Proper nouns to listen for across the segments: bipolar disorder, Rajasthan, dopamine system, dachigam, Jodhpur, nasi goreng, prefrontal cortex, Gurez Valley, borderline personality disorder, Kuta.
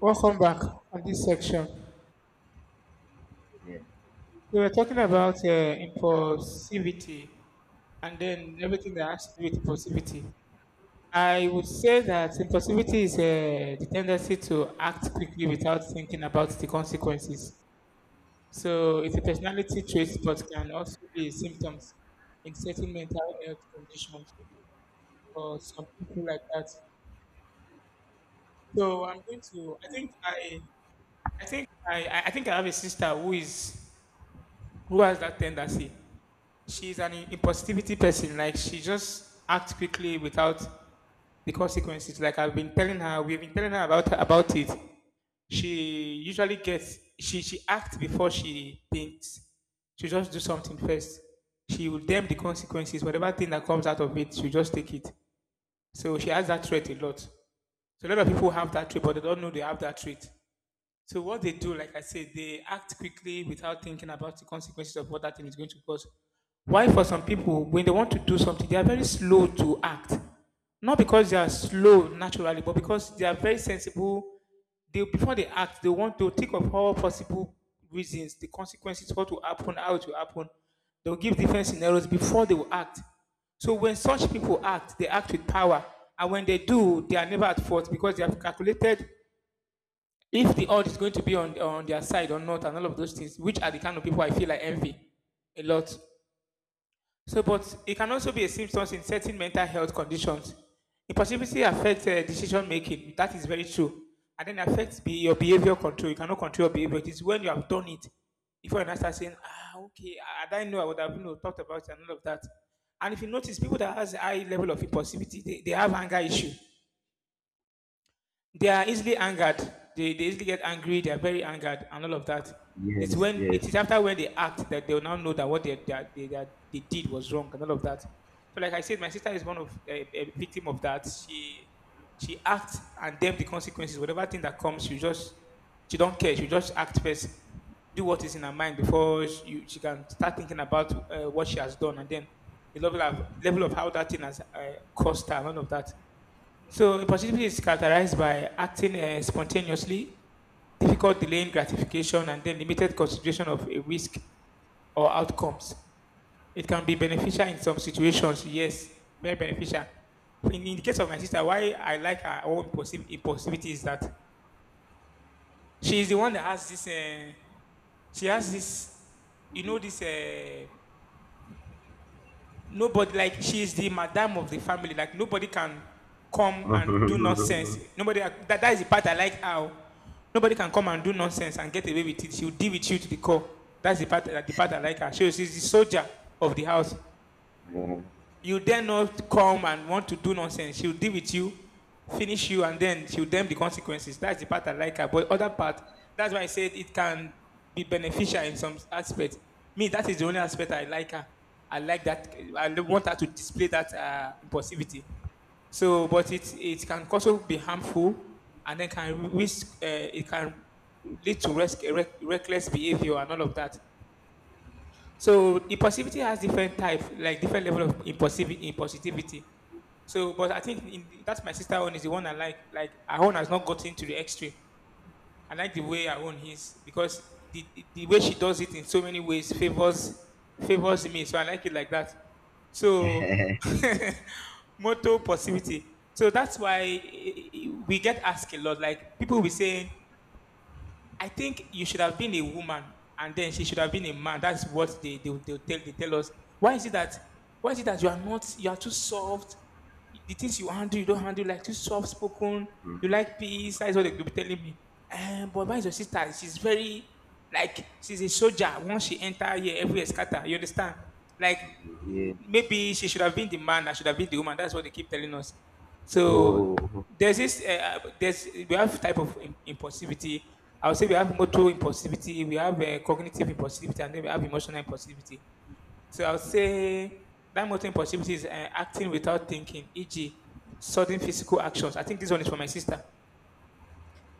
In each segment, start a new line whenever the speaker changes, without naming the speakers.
Welcome back on this section.
Yeah.
We were talking about impulsivity and then everything that has to do with impulsivity. I would say that impulsivity is the tendency to act quickly without thinking about the consequences. So it's a personality trait but can also be symptoms in certain mental health conditions for some people like that. So I'm going to. I think I. I think I. I think I have a sister who has that tendency. She's an impulsivity person. Like she just acts quickly without the consequences. Like I've been telling her, we've been telling her about it. She acts before she thinks. She just do something first. She will damn the consequences. Whatever thing that comes out of it, she just take it. So she has that trait a lot. So a lot of people have that trait, but they don't know they have that trait. So what they do, like I said, they act quickly without thinking about the consequences of what that thing is going to cause. Why for some people, when they want to do something, they are very slow to act. Not because they are slow naturally, but because they are very sensible. They before they act, they want to think of all possible reasons, the consequences, what will happen, how it will happen. They'll give different scenarios before they will act. So when such people act, they act with power. And when they do, they are never at fault because they have calculated if the odds is going to be on their side or not, and all of those things, which are the kind of people I feel I envy a lot. So, but it can also be a symptom in certain mental health conditions. Impulsivity affects decision making. That is very true, and then affects be your behavior control. You cannot control your behavior. It is when you have done it. If you now start saying, "Ah, okay, I didn't know, I would have, you know, thought about it and all of that," and if you notice, people that has a high level of impulsivity, they have anger issue, they are easily angered. They easily get angry. They are very angered and all of that. It's
Yes,
when
yes.
it is after when they act that they will now know that what they did was wrong and all of that. So, like I said, my sister is one of a victim of that. She acts and then the consequences, whatever thing that comes, she don't care. She just act first, do what is in her mind before she can start thinking about what she has done and then the level of how that thing has cost her and all of that. So impulsivity is characterized by acting spontaneously, difficult delaying gratification, and then limited consideration of a risk or outcomes. It can be beneficial in some situations, yes, very beneficial. In the case of my sister, why I like her own impulsivity is that she is the one that has this. She has this, you know, this. Nobody, like she is the madam of the family, like nobody can come and do
yeah.
nonsense, that is the part I like, how nobody can come and do nonsense and get away with it. She'll deal with you to the core. That's the part I like her. She is the soldier of the house. You then not come and want to do nonsense. She'll deal with you, finish you, and then she'll damn the consequences. That's the part I like her. But other part, that's why I said it can be beneficial in some aspects. Me, that is the only aspect I like her. I like that. I want her to display that impulsivity. So, but it can also be harmful, and then can risk. It can lead to risk, reckless behavior and all of that. So impulsivity has different types, like different level of impulsivity. So, but that's my sister own is the one I like. Like her own has not gotten to the extreme. I like the way her own is because the way she does it in so many ways favors me. So I like it like that. So motto positivity. So that's why we get asked a lot. Like people will be saying I think you should have been a woman and then she should have been a man. That's what they tell us. Why is it that why is it that you are not you are too soft? The things you handle, you don't handle, like too soft spoken, you like peace, that's what they will be telling me. But why is your sister? She's very, like she's a soldier. Once she enter here, everywhere scatter. You understand? Like
Yeah.
maybe she should have been the man, I should have been the woman. That's what they keep telling us.
Oh,
So there's this, eh, there's we have type of impulsivity. I would say we have motor impulsivity, we have cognitive impulsivity, and then we have emotional impulsivity. So I would say that motor impulsivity is acting without thinking, e.g., sudden physical actions. I think this one is for my sister.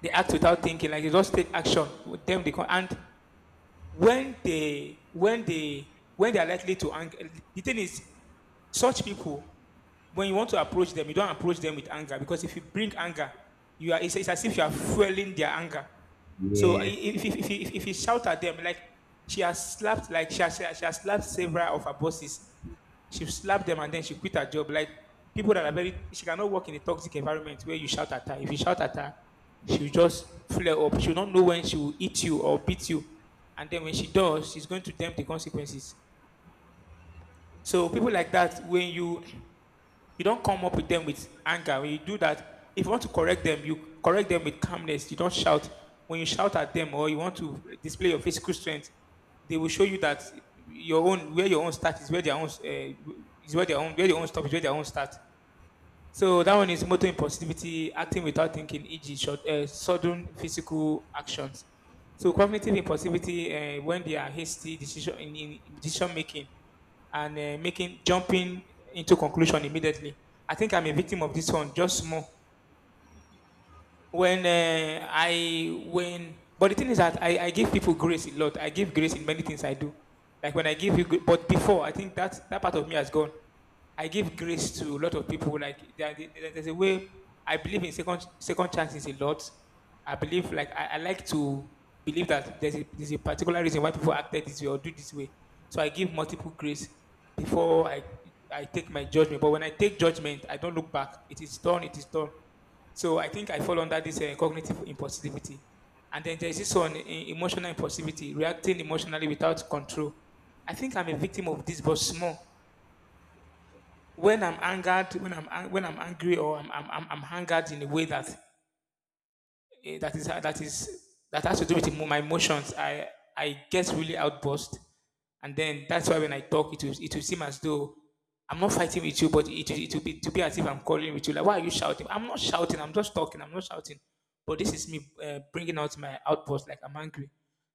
They act without thinking, like they just take action. With them, they can, and when they when they when they are likely to anger, the thing is such people, when you want to approach them, you don't approach them with anger, because if you bring anger you are, it's as if you are fueling their anger. So
yes.
if you shout at them, like she has slapped like she has slapped several of her bosses. She slapped them and then she quit her job. Like people that are very, she cannot work in a toxic environment where you shout at her. If you shout at her, she'll just flare up. She'll not know when she will eat you or beat you. And then when she does, she's going to damn the consequences. So people like that, when you don't come up with them with anger. When you do that, if you want to correct them, you correct them with calmness. You don't shout. When you shout at them or you want to display your physical strength, they will show you that your own where your own start is where their own is where their own stop is where their own start. So that one is motor impulsivity, acting without thinking, e.g., short, sudden physical actions. So cognitive impulsivity, when they are hasty decision in decision making and making jumping into conclusion immediately. I think I'm a victim of this one, just more when I when but the thing is that I give people grace a lot. I give grace in many things I do. Like when I give you, but before I think that that part of me has gone. I give grace to a lot of people. Like there's a way I believe in second chances a lot. I believe, like I like to believe that there's a particular reason why people acted this way or do this way. So I give multiple grace before I take my judgment. But when I take judgment, I don't look back. It is done. It is done. So I think I fall under this cognitive impulsivity. And then there's this one, emotional impulsivity, reacting emotionally without control. I think I'm a victim of this, but small. When I'm angry, or I'm angered in a way that that is that has to do with my emotions. I get really outburst, and then that's why when I talk, it will seem as though I'm not fighting with you, but it will be to be as if I'm quarreling with you. Like why are you shouting? I'm not shouting. I'm just talking. I'm not shouting. But this is me bringing out my outburst. Like I'm angry.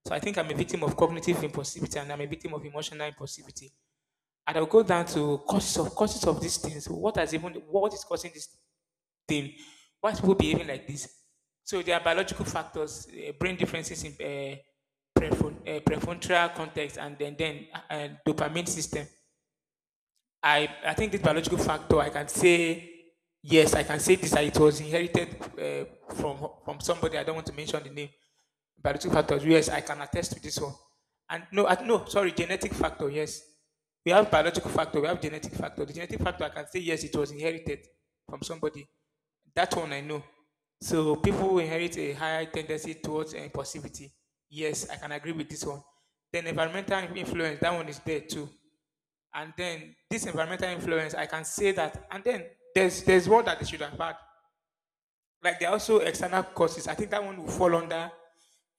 So I think I'm a victim of cognitive impulsivity and I'm a victim of emotional impulsivity. And I'll go down to causes of these things. What has even what is causing this thing. Why people behaving like this? So there are biological factors, brain differences in prefrontal cortex, and then dopamine system. I think this biological factor, I can say, yes, I can say this, that it was inherited from somebody. I don't want to mention the name. Biological factors, yes, I can attest to this one. And no, at, no, sorry, genetic factor, yes. We have biological factor, we have genetic factor. The genetic factor, I can say, yes, it was inherited from somebody. That one I know. So people who inherit a higher tendency towards impulsivity. Yes, I can agree with this one. Then environmental influence, that one is there too, and then this environmental influence I can say that. And then there's what that they should have had, like there are also external causes. I think that one will fall under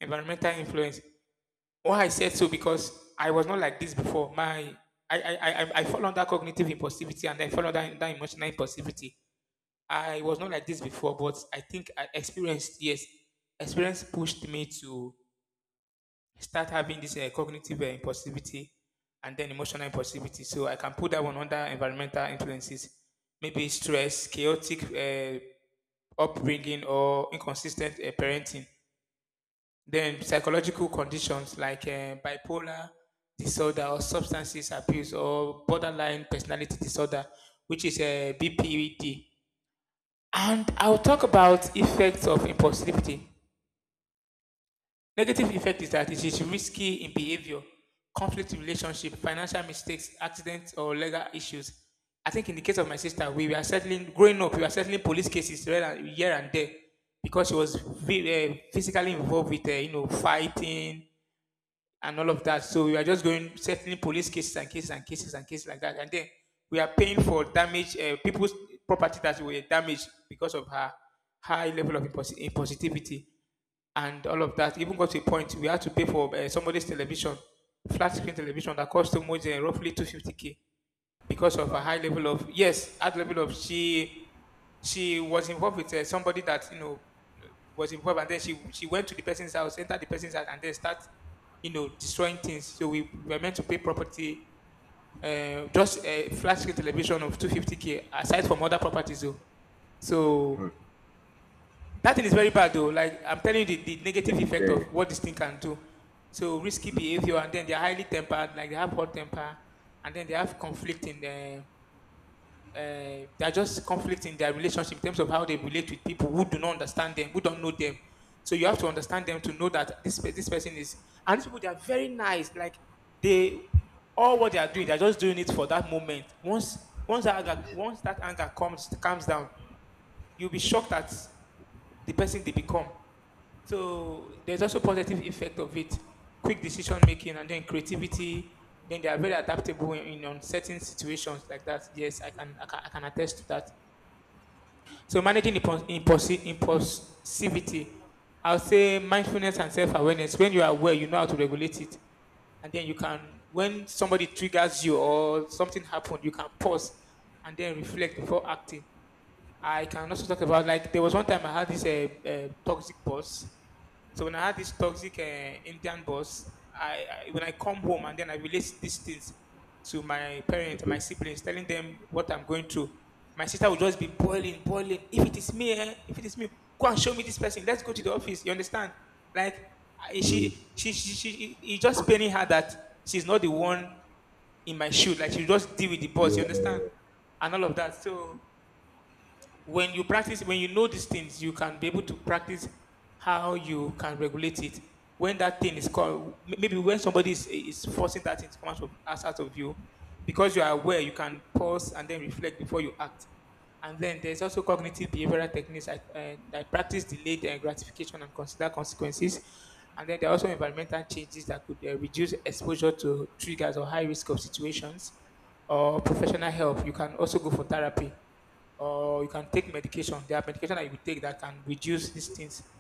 environmental influence. Why I said so, because I was not like this before. My I fall under cognitive impulsivity and then fall under, emotional impulsivity. I was not like this before, but I think I experienced, yes, experience pushed me to start having this cognitive impulsivity and then emotional impulsivity. So I can put that one under environmental influences, maybe stress, chaotic upbringing, or inconsistent parenting. Then psychological conditions like bipolar disorder or substances abuse or borderline personality disorder, which is a BPD. And I'll talk about effects of impulsivity. Negative effect is that it is risky in behavior, conflict in relationship, financial mistakes, accidents, or legal issues. I think in the case of my sister, we were settling growing up. We were settling police cases here and, here and there, because she was physically involved with you know fighting and all of that. So we were just going settling police cases and cases and cases and cases like that. And then we are paying for damage people's property that were damaged because of her high level of impositivity and all of that. Even got to a point we had to pay for somebody's television, flat screen television that cost too much, roughly 250k, because of a high level of, yes, high level of, she was involved with somebody that, you know, was involved, and then she went to the person's house, entered the person's house, and then start, you know, destroying things. So we were meant to pay property. Just a flat screen television of 250k aside from other properties though.
Hmm.
So that thing is very bad though. Like I'm telling you the negative
Very,
effect
very.
of what this thing can do. So risky behavior, and then they're highly tempered, like they have hot temper, and then they have conflict in their. Uh, they're just conflict in their relationship in terms of how they relate with people who do not understand them, who don't know them. So you have to understand them to know that this person is, and these people they are very nice. Like they, all what they are doing, they're just doing it for that moment. Once that anger, once that anger comes calms down, you'll be shocked at the person they become. So there's also positive effect of it, quick decision making, and then creativity. Then they are very adaptable in uncertain situations like that. Yes, I can, I can, I can attest to that. So managing impulse, impulse, impulsivity, I'll say mindfulness and self awareness. When you are aware, you know how to regulate it, and then you can, when somebody triggers you or something happened, you can pause and then reflect before acting. I can also talk about, like there was one time I had this toxic boss. So when I had this toxic Indian boss, I, when I come home and then I relate these things to my parents and my
Mhm.
siblings, telling them what I'm going through. My sister would just be boiling, boiling. If it is me, eh, if it is me, go and show me this person. Let's go to the office. You understand? Like I, she,
Mhm.
she, it's just paining her that she's not the one in my shoe. Like she just deal with the boss. You understand?
Yeah.
And all of that. So when you practice, when you know these things, you can be able to practice how you can regulate it when that thing is called, maybe when somebody is forcing that thing to come out of us, out of you. Because you are aware, you can pause and then reflect before you act. And then there's also cognitive behavioral techniques that, that practice delayed gratification and consider consequences. And then there are also environmental changes that could reduce exposure to triggers or high risk of situations, or professional help. You can also go for therapy, or you can take medication. There are medication that you take that can reduce these things,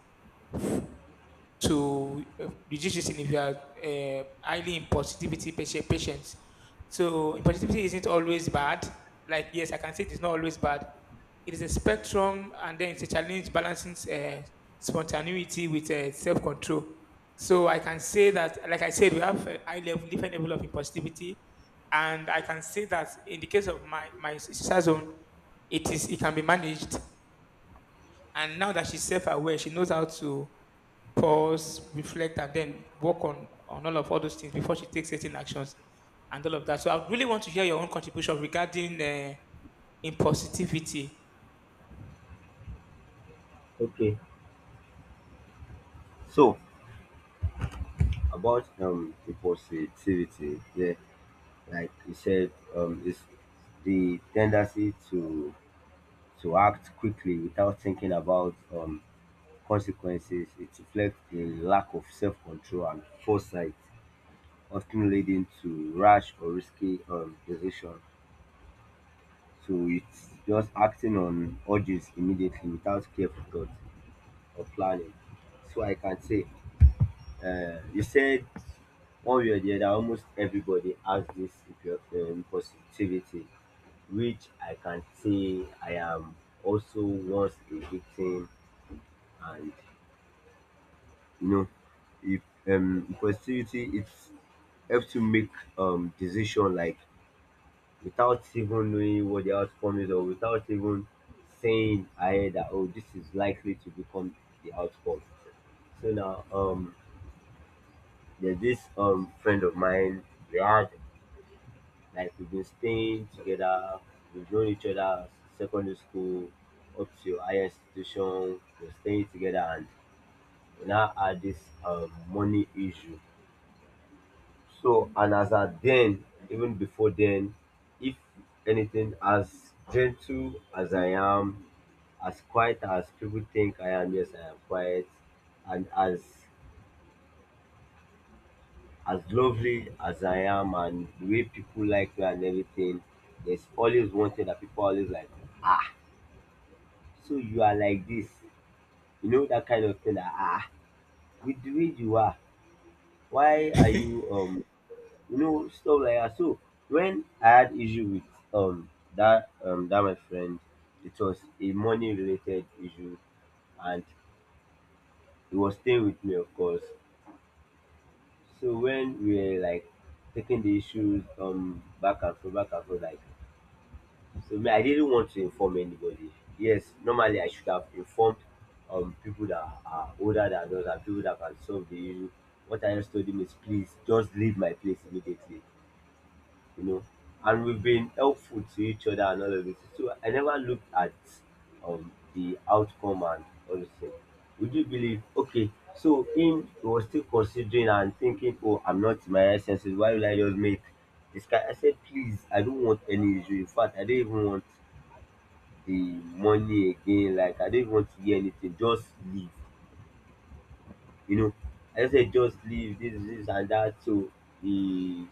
to reduce this in if you are highly in positivity patient, patients. So positivity isn't always bad. Like yes, I can say it's not always bad. It is a spectrum, and then it's a challenge balancing spontaneity with self-control. So I can say that, like I said, we have a high level, different level of positivity, and I can say that in the case of my my sister zone, it is, it can be managed, and now that she's self-aware, she knows how to pause, reflect, and then work on all of, all those things before she takes certain actions and all of that. So I really want to hear your own contribution regarding impulsivity.
Okay. So about the positivity, yeah, like you said, is the tendency to act quickly without thinking about consequences. It reflects a lack of self control and foresight, often leading to rash or risky decision. So it's just acting on urges immediately without careful thought or planning. So I can say, you said one way or the other, almost everybody has this positivity, which I can say I am also once a victim, and you know, if positivity it helps to make decision, like without even knowing what the outcome is, or without even saying ahead that, oh, this is likely to become the outcome. So now there's this friend of mine. We had, like we've been staying together, we've known each other secondary school up to higher institution, we're staying together, and we now had this money issue. So, and as at then, even before then, if anything, as gentle as I am, as quiet as people think I am, yes, I am quiet, and as lovely as I am, and the way people like me and everything, there's always one thing that people always like, ah, so you are like this, you know, that kind of thing. That, ah, with the way you are, why are you you know, stuff like that. So when I had issue with um that my friend, it was a money related issue, and he was staying with me, of course. So when we were like taking the issues back and forth, back and forth, like, so me, I didn't want to inform anybody. Yes, normally I should have informed people that are older than us and people that can solve the issue. What I just told him is, please just leave my place immediately, you know, and we've been helpful to each other and all of this. So I never looked at the outcome and all this thing. Would you believe? Okay, so him, he was still considering and thinking, oh, I'm not in my right senses. Why will I just make this guy? I said, please, I don't want any issue. In fact, I don't even want the money again. Like I don't even want to hear anything. Just leave. You know, I just said just leave this, this and that. So he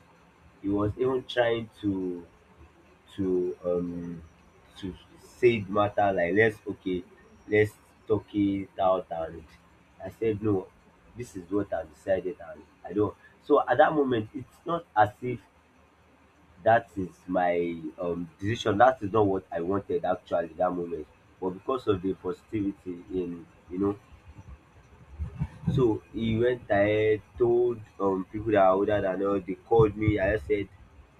he was even trying to to um to said matter, like, let's, okay, let's talk it out. And I said no, this is what I decided, and I don't. So at that moment, it's not as if that is my decision. That is not what I wanted actually that moment, but because of the positivity in, you know. So he went ahead, told people that are older than us. They called me, I just said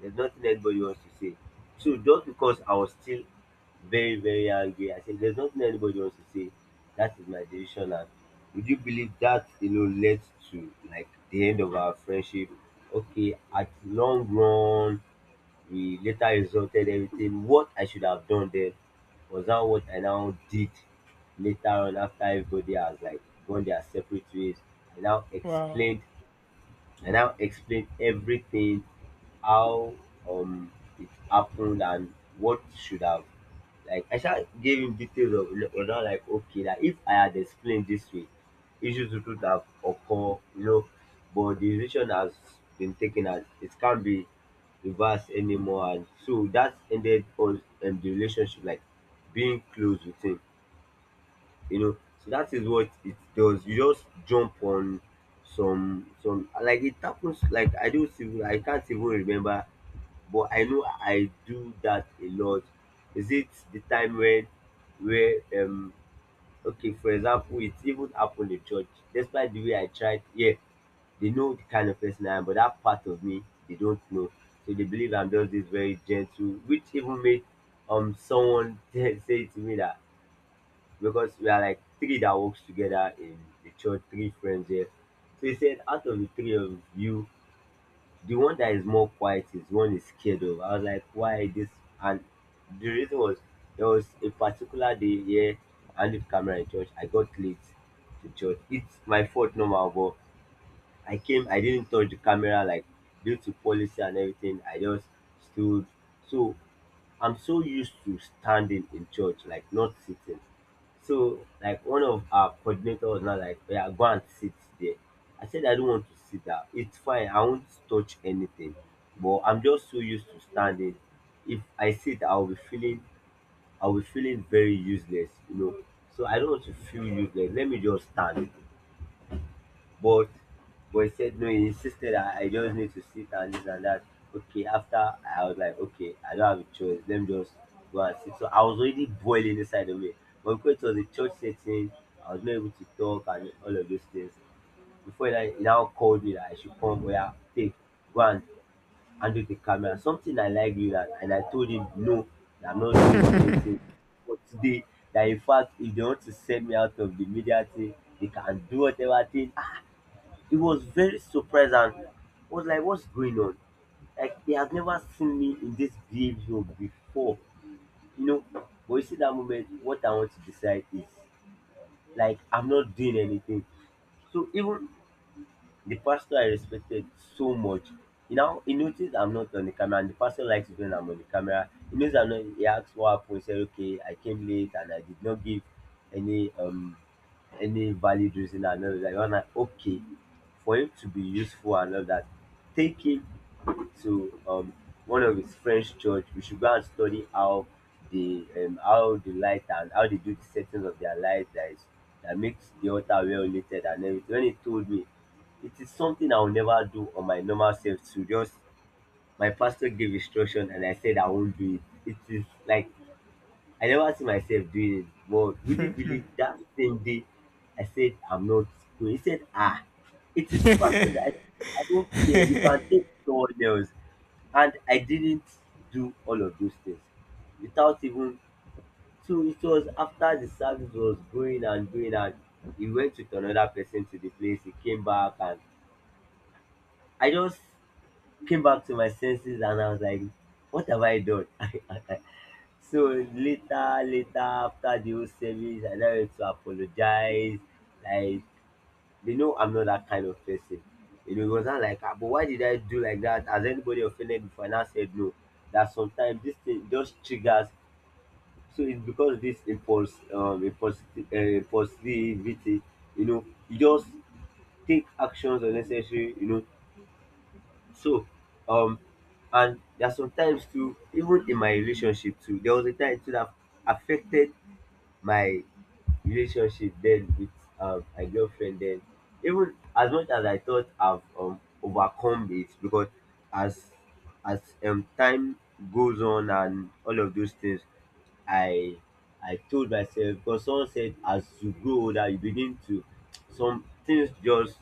there's nothing anybody wants to say. So just because I was still very, very angry, I said there's nothing anybody wants to say. That is my decision. And would you believe that, you know, led to like the end of our friendship? Okay, at long run, we later exalted everything. What I should have done then was now what I now did later on, after everybody has like gone their separate ways. I now
Wow.
explained I now explained everything how um it happened, and what should have, like I shall giving details of, you know, not like okay, that if I had explained this way, issues would have occurred, you know. But the decision has been taken and it can't be reversed anymore. And so that ended us the relationship, like being close with him, you know. So that is what it does. You just jump on some, like it happens. Like I don't even, I can't even remember, but I know I do that a lot. Is it the time when where okay, for example, it even happened in church. Despite the way I tried, yeah, they know the kind of person I am, but that part of me they don't know. So they believe I'm just this very gentle, which even made someone say to me that, because we are like three that works together in the church, three friends here. So he said, out of the three of you, the one that is more quiet is the one is scared of. I was like, why this? And the reason was, there was a particular day here I left camera in church. I got late to church. It's my fault normal, but I came, I didn't touch the camera, like due to policy and everything. I just stood. So I'm so used to standing in church, like not sitting. So like one of our coordinator was now like, yeah, go and sit there. I said I don't want to sit down. It's fine. I won't touch anything. But I'm just so used to standing. If I sit, I'll be feeling very useless, you know. So I don't want to feel useless. Let me just stand. But he said no, he insisted that I just need to sit and this and that. Okay, after I was like, okay, I don't have a choice. Let me just go and sit. So I was already boiling inside of me. But because it was a church setting, I was not able to talk and all of those things. Before that, he now called me that I should come, where take, go and handle the camera. Something I like you that. And I told him no, that I'm not doing anything. But today, that in fact if they want to send me out of the media thing, they can do whatever thing. He was very surprised, and was like, what's going on? Like, he has never seen me in this behavior before, you know. But you see, that moment, what I want to decide is, like, I'm not doing anything. So, even the pastor I respected so much. You know, he noticed I'm not on the camera, and the pastor likes it when I'm on the camera. He knows I'm not. He asked what happened. He said, "Okay, I came late and I did not give any um any valid reason." And all that. I was like, "Okay, for him to be useful and all that, take him to one of his French church. We should go and study how the light and how they do the settings of their light, that is that makes the altar well related and everything." When he told me, it is something I will never do on my normal self. To just, my pastor gave instruction and I said I won't do it. It is like I never see myself doing it. But would you believe that same day, I said I'm not going? He said, ah, it is pastor. That I don't care. You can take someone else. And I didn't do all of those things without even, so it was after the service, was going and going, and he went with another person to the place. He came back, and I just came back to my senses, and I was like, what have I done? So later, later, after the whole service, I now had to apologize. Like, they know I'm not that kind of person. You know, it wasn't like, ah, but why did I do like that? Has anybody offended before? And I said no. That sometimes this thing just triggers. So it's because this impulsivity. You know, you just take actions unnecessary. You know, so um, and there are sometimes too, even in my relationship too, there was a time too that affected my relationship den with my girlfriend den, even as much as I thought I've overcome it. Because as as time goes on and all of those things, I told myself, because someone said as you grow older you begin to, some things just,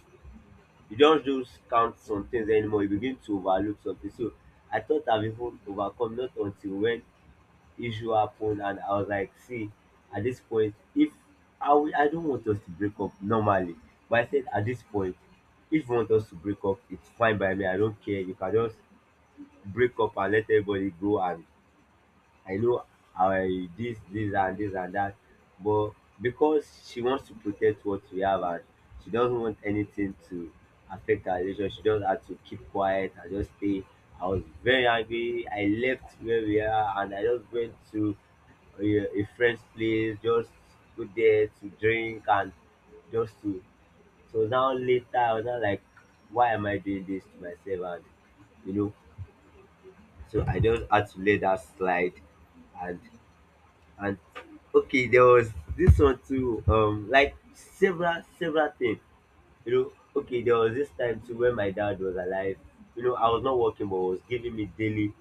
you just don't count some things anymore, you begin to overlook something. So I thought I've even overcome, not until when issue happened, and I was like, see, at this point, if I will, I don't want us to break up normally, but I said at this point, if you want us to break up, it's fine by me. I don't care. You can just break up and let everybody go. And I know I this, this and this and that. But because she wants to protect what we have, and she doesn't want anything to affect our relationship, she just had to keep quiet and just stay. I was very angry. I left where we are and I just went to a friend's place, just go there to drink and just to. So now later, I was not like, why am I doing this to myself? You know, so I just had to let that slide and and okay, there was this one too, like several things, you know. Okay, there was this time too when my dad was alive. You know, I was not working, but was giving me daily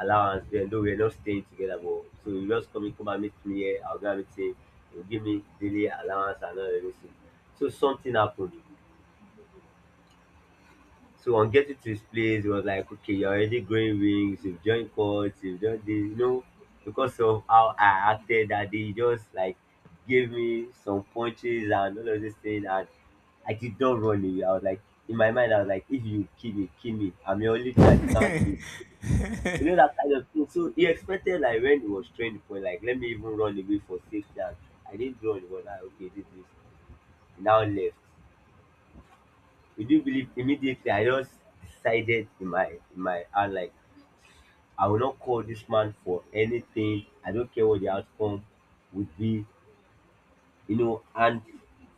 allowance then. Though we were not staying together, but so he just come in, come and meet me here, I'll go and meet him. He'll give me daily allowance and all everything. So something happened. So on getting to his place, he was like, okay, you're already growing wings, you've joined courts, you've done this, you know, because of how I acted that day, he just like gave me some punches and all of this thing. And I did not run away. I was like, in my mind, I was like, if you kill me, kill me. I'm your only child, you can't kill me. You know, that kind of thing. So he expected, like, when he was trained for, like, let me even run away for safety. And I didn't run, he was like, okay, this is. He now left. You do believe immediately I just decided in my heart, like I will not call this man for anything. I don't care what the outcome would be, you know. And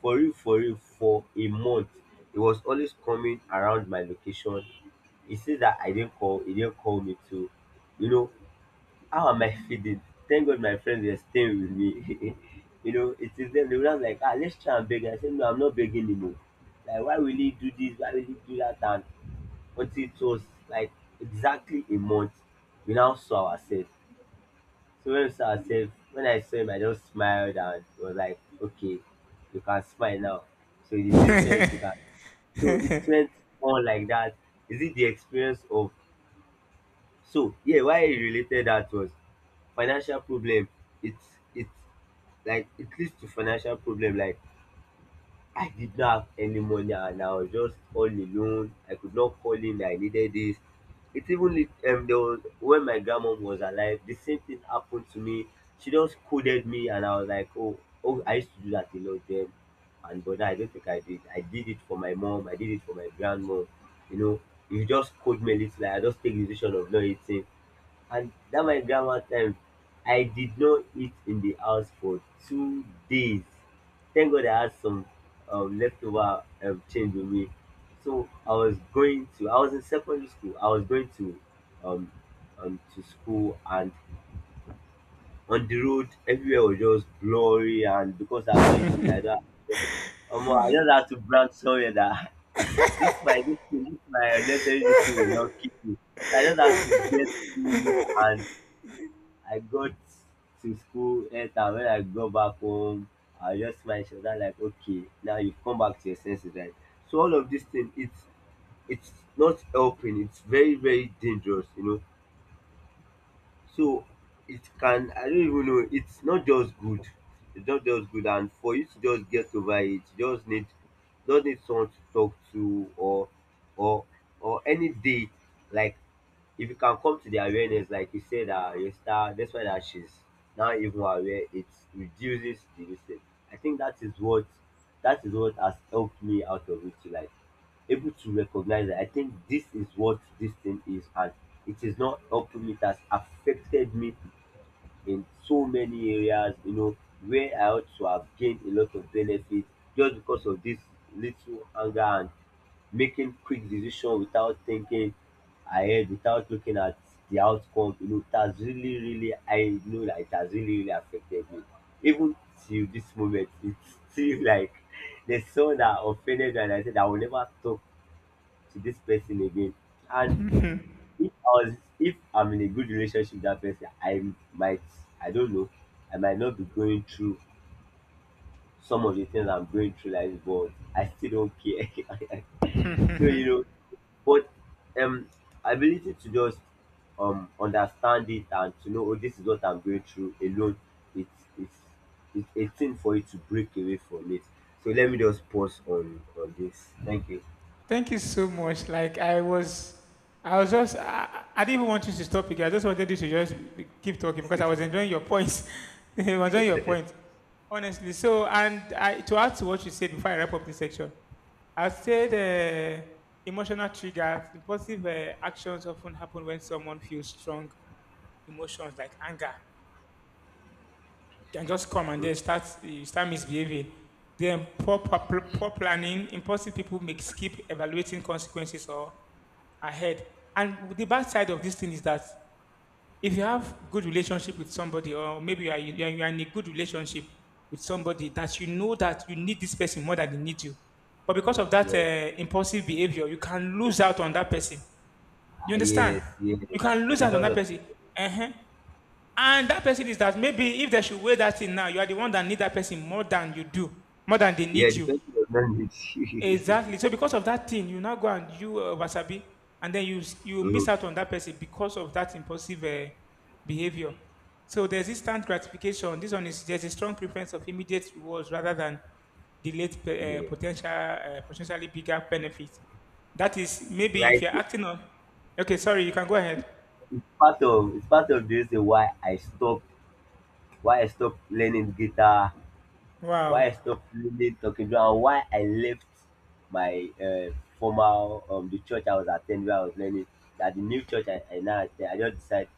for real, for real, for a month, he was always coming around my location. He says that I didn't call, he didn't call me too. You know, how am I feeling? Thank God my friends were staying with me. You know, it is them. They were just like, ah, let's try and beg. I said, no, I'm not begging anymore. Like, why will he do this? Why will he do that? And until it was like exactly a month, we now saw ourselves. So when we saw ourselves, when I saw him, I just smiled and was like, okay, you can smile now. So the decision it took her, so it went on like that. Is it the experience of, so yeah, why he related that was financial problem. It's like it leads to financial problem, like I did not have any money and I was just all alone. I could not call in that I needed this. It even there was, when my grandmom was alive, the same thing happened to me. She just scolded me and I was like, oh, oh, I used to do that a lot then. And but now I don't think I did. I did it for my mom. I did it for my grandmom. You know, if you just scold me a little, like, I just take the decision of not eating. And that my grandma time, I did not eat in the house for 2 days. Thank God I had some leftover change with me. So I was going to, I was in secondary school. I was going um, to school, and on the road everywhere was just blurry, and because I've not eaten, I don't have, I just had to branch somewhere that this my this thing, this my unnecessary this thing will not keep me. So I just have to get food, and I got to school later. When I go back home, I just smile shoulder like, okay, now you've come back to your senses, right? So all of this thing, it's not helping. It's very very dangerous, you know. So it can, I don't even know, it's not just good. It's not just good, and for you to just get over it, you just need someone to talk to, or or any day, like if you can come to the awareness, like you said, your star, that's why that she's now even aware, it reduces the risk. I think that is what, that is what has helped me out of it, like able to recognize that I think this is what this thing is, and it is not helping me. It has affected me in so many areas, you know, where I ought to have gained a lot of benefit just because of this little anger and making quick decision without thinking ahead, without looking at the outcome. You know, it has really, really, I know that it has really, really affected me. Even till this moment, it's still like the son that offended me and I said I will never talk to this person again. And if I'm in a good relationship with that person, I might, I don't know, I might not be going through some of the things I'm going through like this, but I still don't care. So you know, but um ability to just understand it and to know, oh, this is what I'm going through alone. It's it's a thing for you to break away from it. So let me just pause on this. Thank you.
Thank you so much. Like I was just, I didn't even want you to stop again. I just wanted you to just keep talking because I was enjoying your points. I was enjoying your point, honestly. So, and I, to add to what you said before I wrap up this section, I said emotional triggers, impulsive actions often happen when someone feels strong emotions like anger, can just come and
Mhm.
then start you start misbehaving. Then poor planning, impulsive people may skip evaluating consequences or ahead. And the bad side of this thing is that if you have good relationship with somebody, or maybe you are, you are, you are in a good relationship with somebody that you know that you need this person more than they need you, but because of that
Yes.
impulsive behavior, you can lose out on that person. You
Ah,
understand?
yes, yes.
You can lose
A
out on
lot
that
of.
person. Uh-huh. And that person is that, maybe if they should wear that thing now, you are the one that need that person more than you do, more than they
Yeah,
need you.
the on does not need.
Exactly. So because of that thing, you now go and you wasabi, and then you miss out on that person because of that impulsive behavior. So there's instant gratification. This one is, there's a strong preference of immediate rewards rather than delayed
Eh,
potential potentially bigger benefits. That is maybe if
right.
you're acting on. Okay, sorry, you can go ahead.
It's part of, it's part of the reason why I stopped, why I stopped learning guitar, why
Wow.
I stopped reading, talking to her, and why I left my formal the church I was attending where I was learning, that the new church I now attend, I just decided,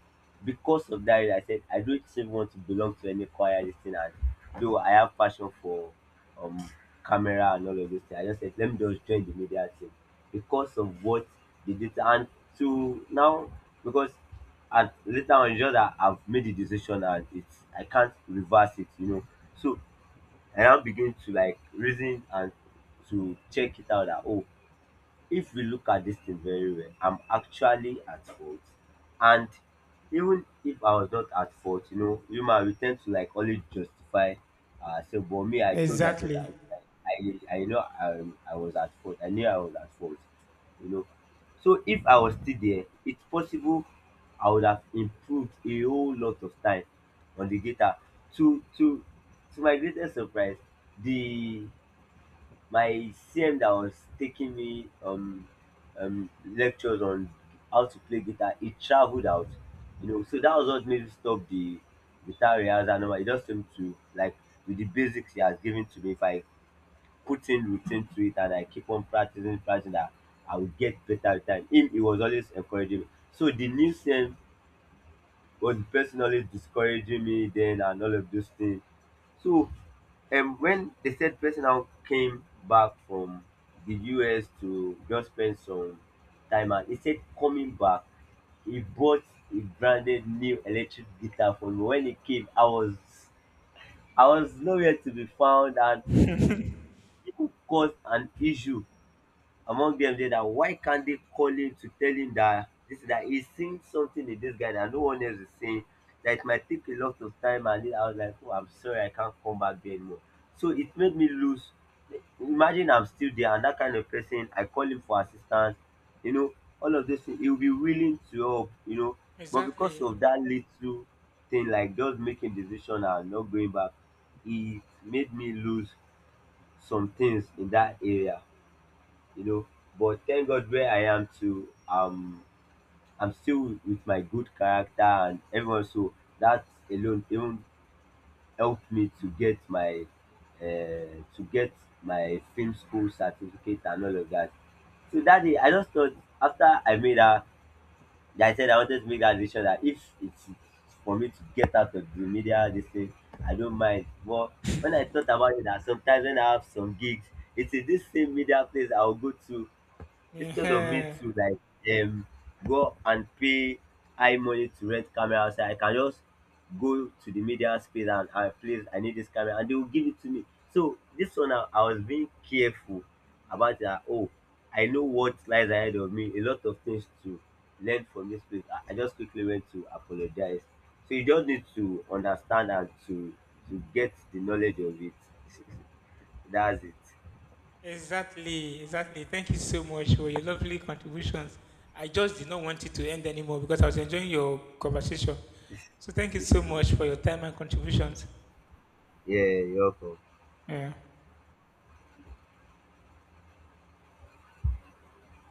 because of that reason, I said I don't even want to belong to any choir this thing. And though I have passion for um camera and all of this thing, I just said let me just join the media team because of what they did. And to now, because, and later on, it's just that I've made the decision and it's I can't reverse it, you know. So I now begin to like reason and to check it out, that oh, if we look at this thing very well, I'm actually at fault. And even if I was not at fault, you know, human, we tend to like always justify ourselves. But me, I told myself
Exactly.
that okay, I know I was at fault. I knew I was at fault, you know. So if I was still there, it's possible I would have improved a whole lot of time on the guitar. To to to my greatest surprise, the my cm that was taking me lectures on how to play guitar, he traveled out, you know. So that was what made me stop the guitar rehearsal normal. He just told me to like, with the basics he has given to me, if I put in routine to it and I keep on practicing, that I will get better with time. Him, he was always encouraging me. So the new cm was personally discouraging me then and all of those things. So when the said person now came back from the US to just spend some time, and he said coming back, he bought a branded new electric guitar for me. When he came, I was nowhere to be found, and it could cause an issue among them there, that why can't they call him to tell him that this, that he's seeing something in this guy that no one else is seeing, that it might take a lot of time. And then I was like, oh, I'm sorry, I can't come back there anymore. So it made me lose, imagine I'm still there and that kind of person I call him for assistance, you know, all of those things, he'll be willing to help, you know. But because
Exactly.
of that little thing, like just making decision and not going back, it made me lose some things in that area, you know. But thank God where I am to, I'm still with my good character and everyone. So that alone even helped me to get my to get my film school certificate and all of that. So that day, I just thought, after I made that, I said I wanted to make that decision that if it's for me to get out of the media, this thing, I don't mind. But when I thought about it, that sometimes when I have some gigs, it's in this same media place I'll go to. Instead of me
Yeah.
to like um go and pay high money to rent camera outside, I can just go to the media space, and please I need this camera and they will give it to me. So this one I was being careful about that, oh, I know what lies ahead of me, a lot of things to learn from this place. I just quickly went to apologize. So you just need to understand and to get the knowledge of it. That's it.
Exactly, exactly. Thank you so much for your lovely contributions. I just did not want it to end anymore because I was enjoying your conversation. So thank you so much for your time and contributions.
Yeah, you're welcome.
Yeah.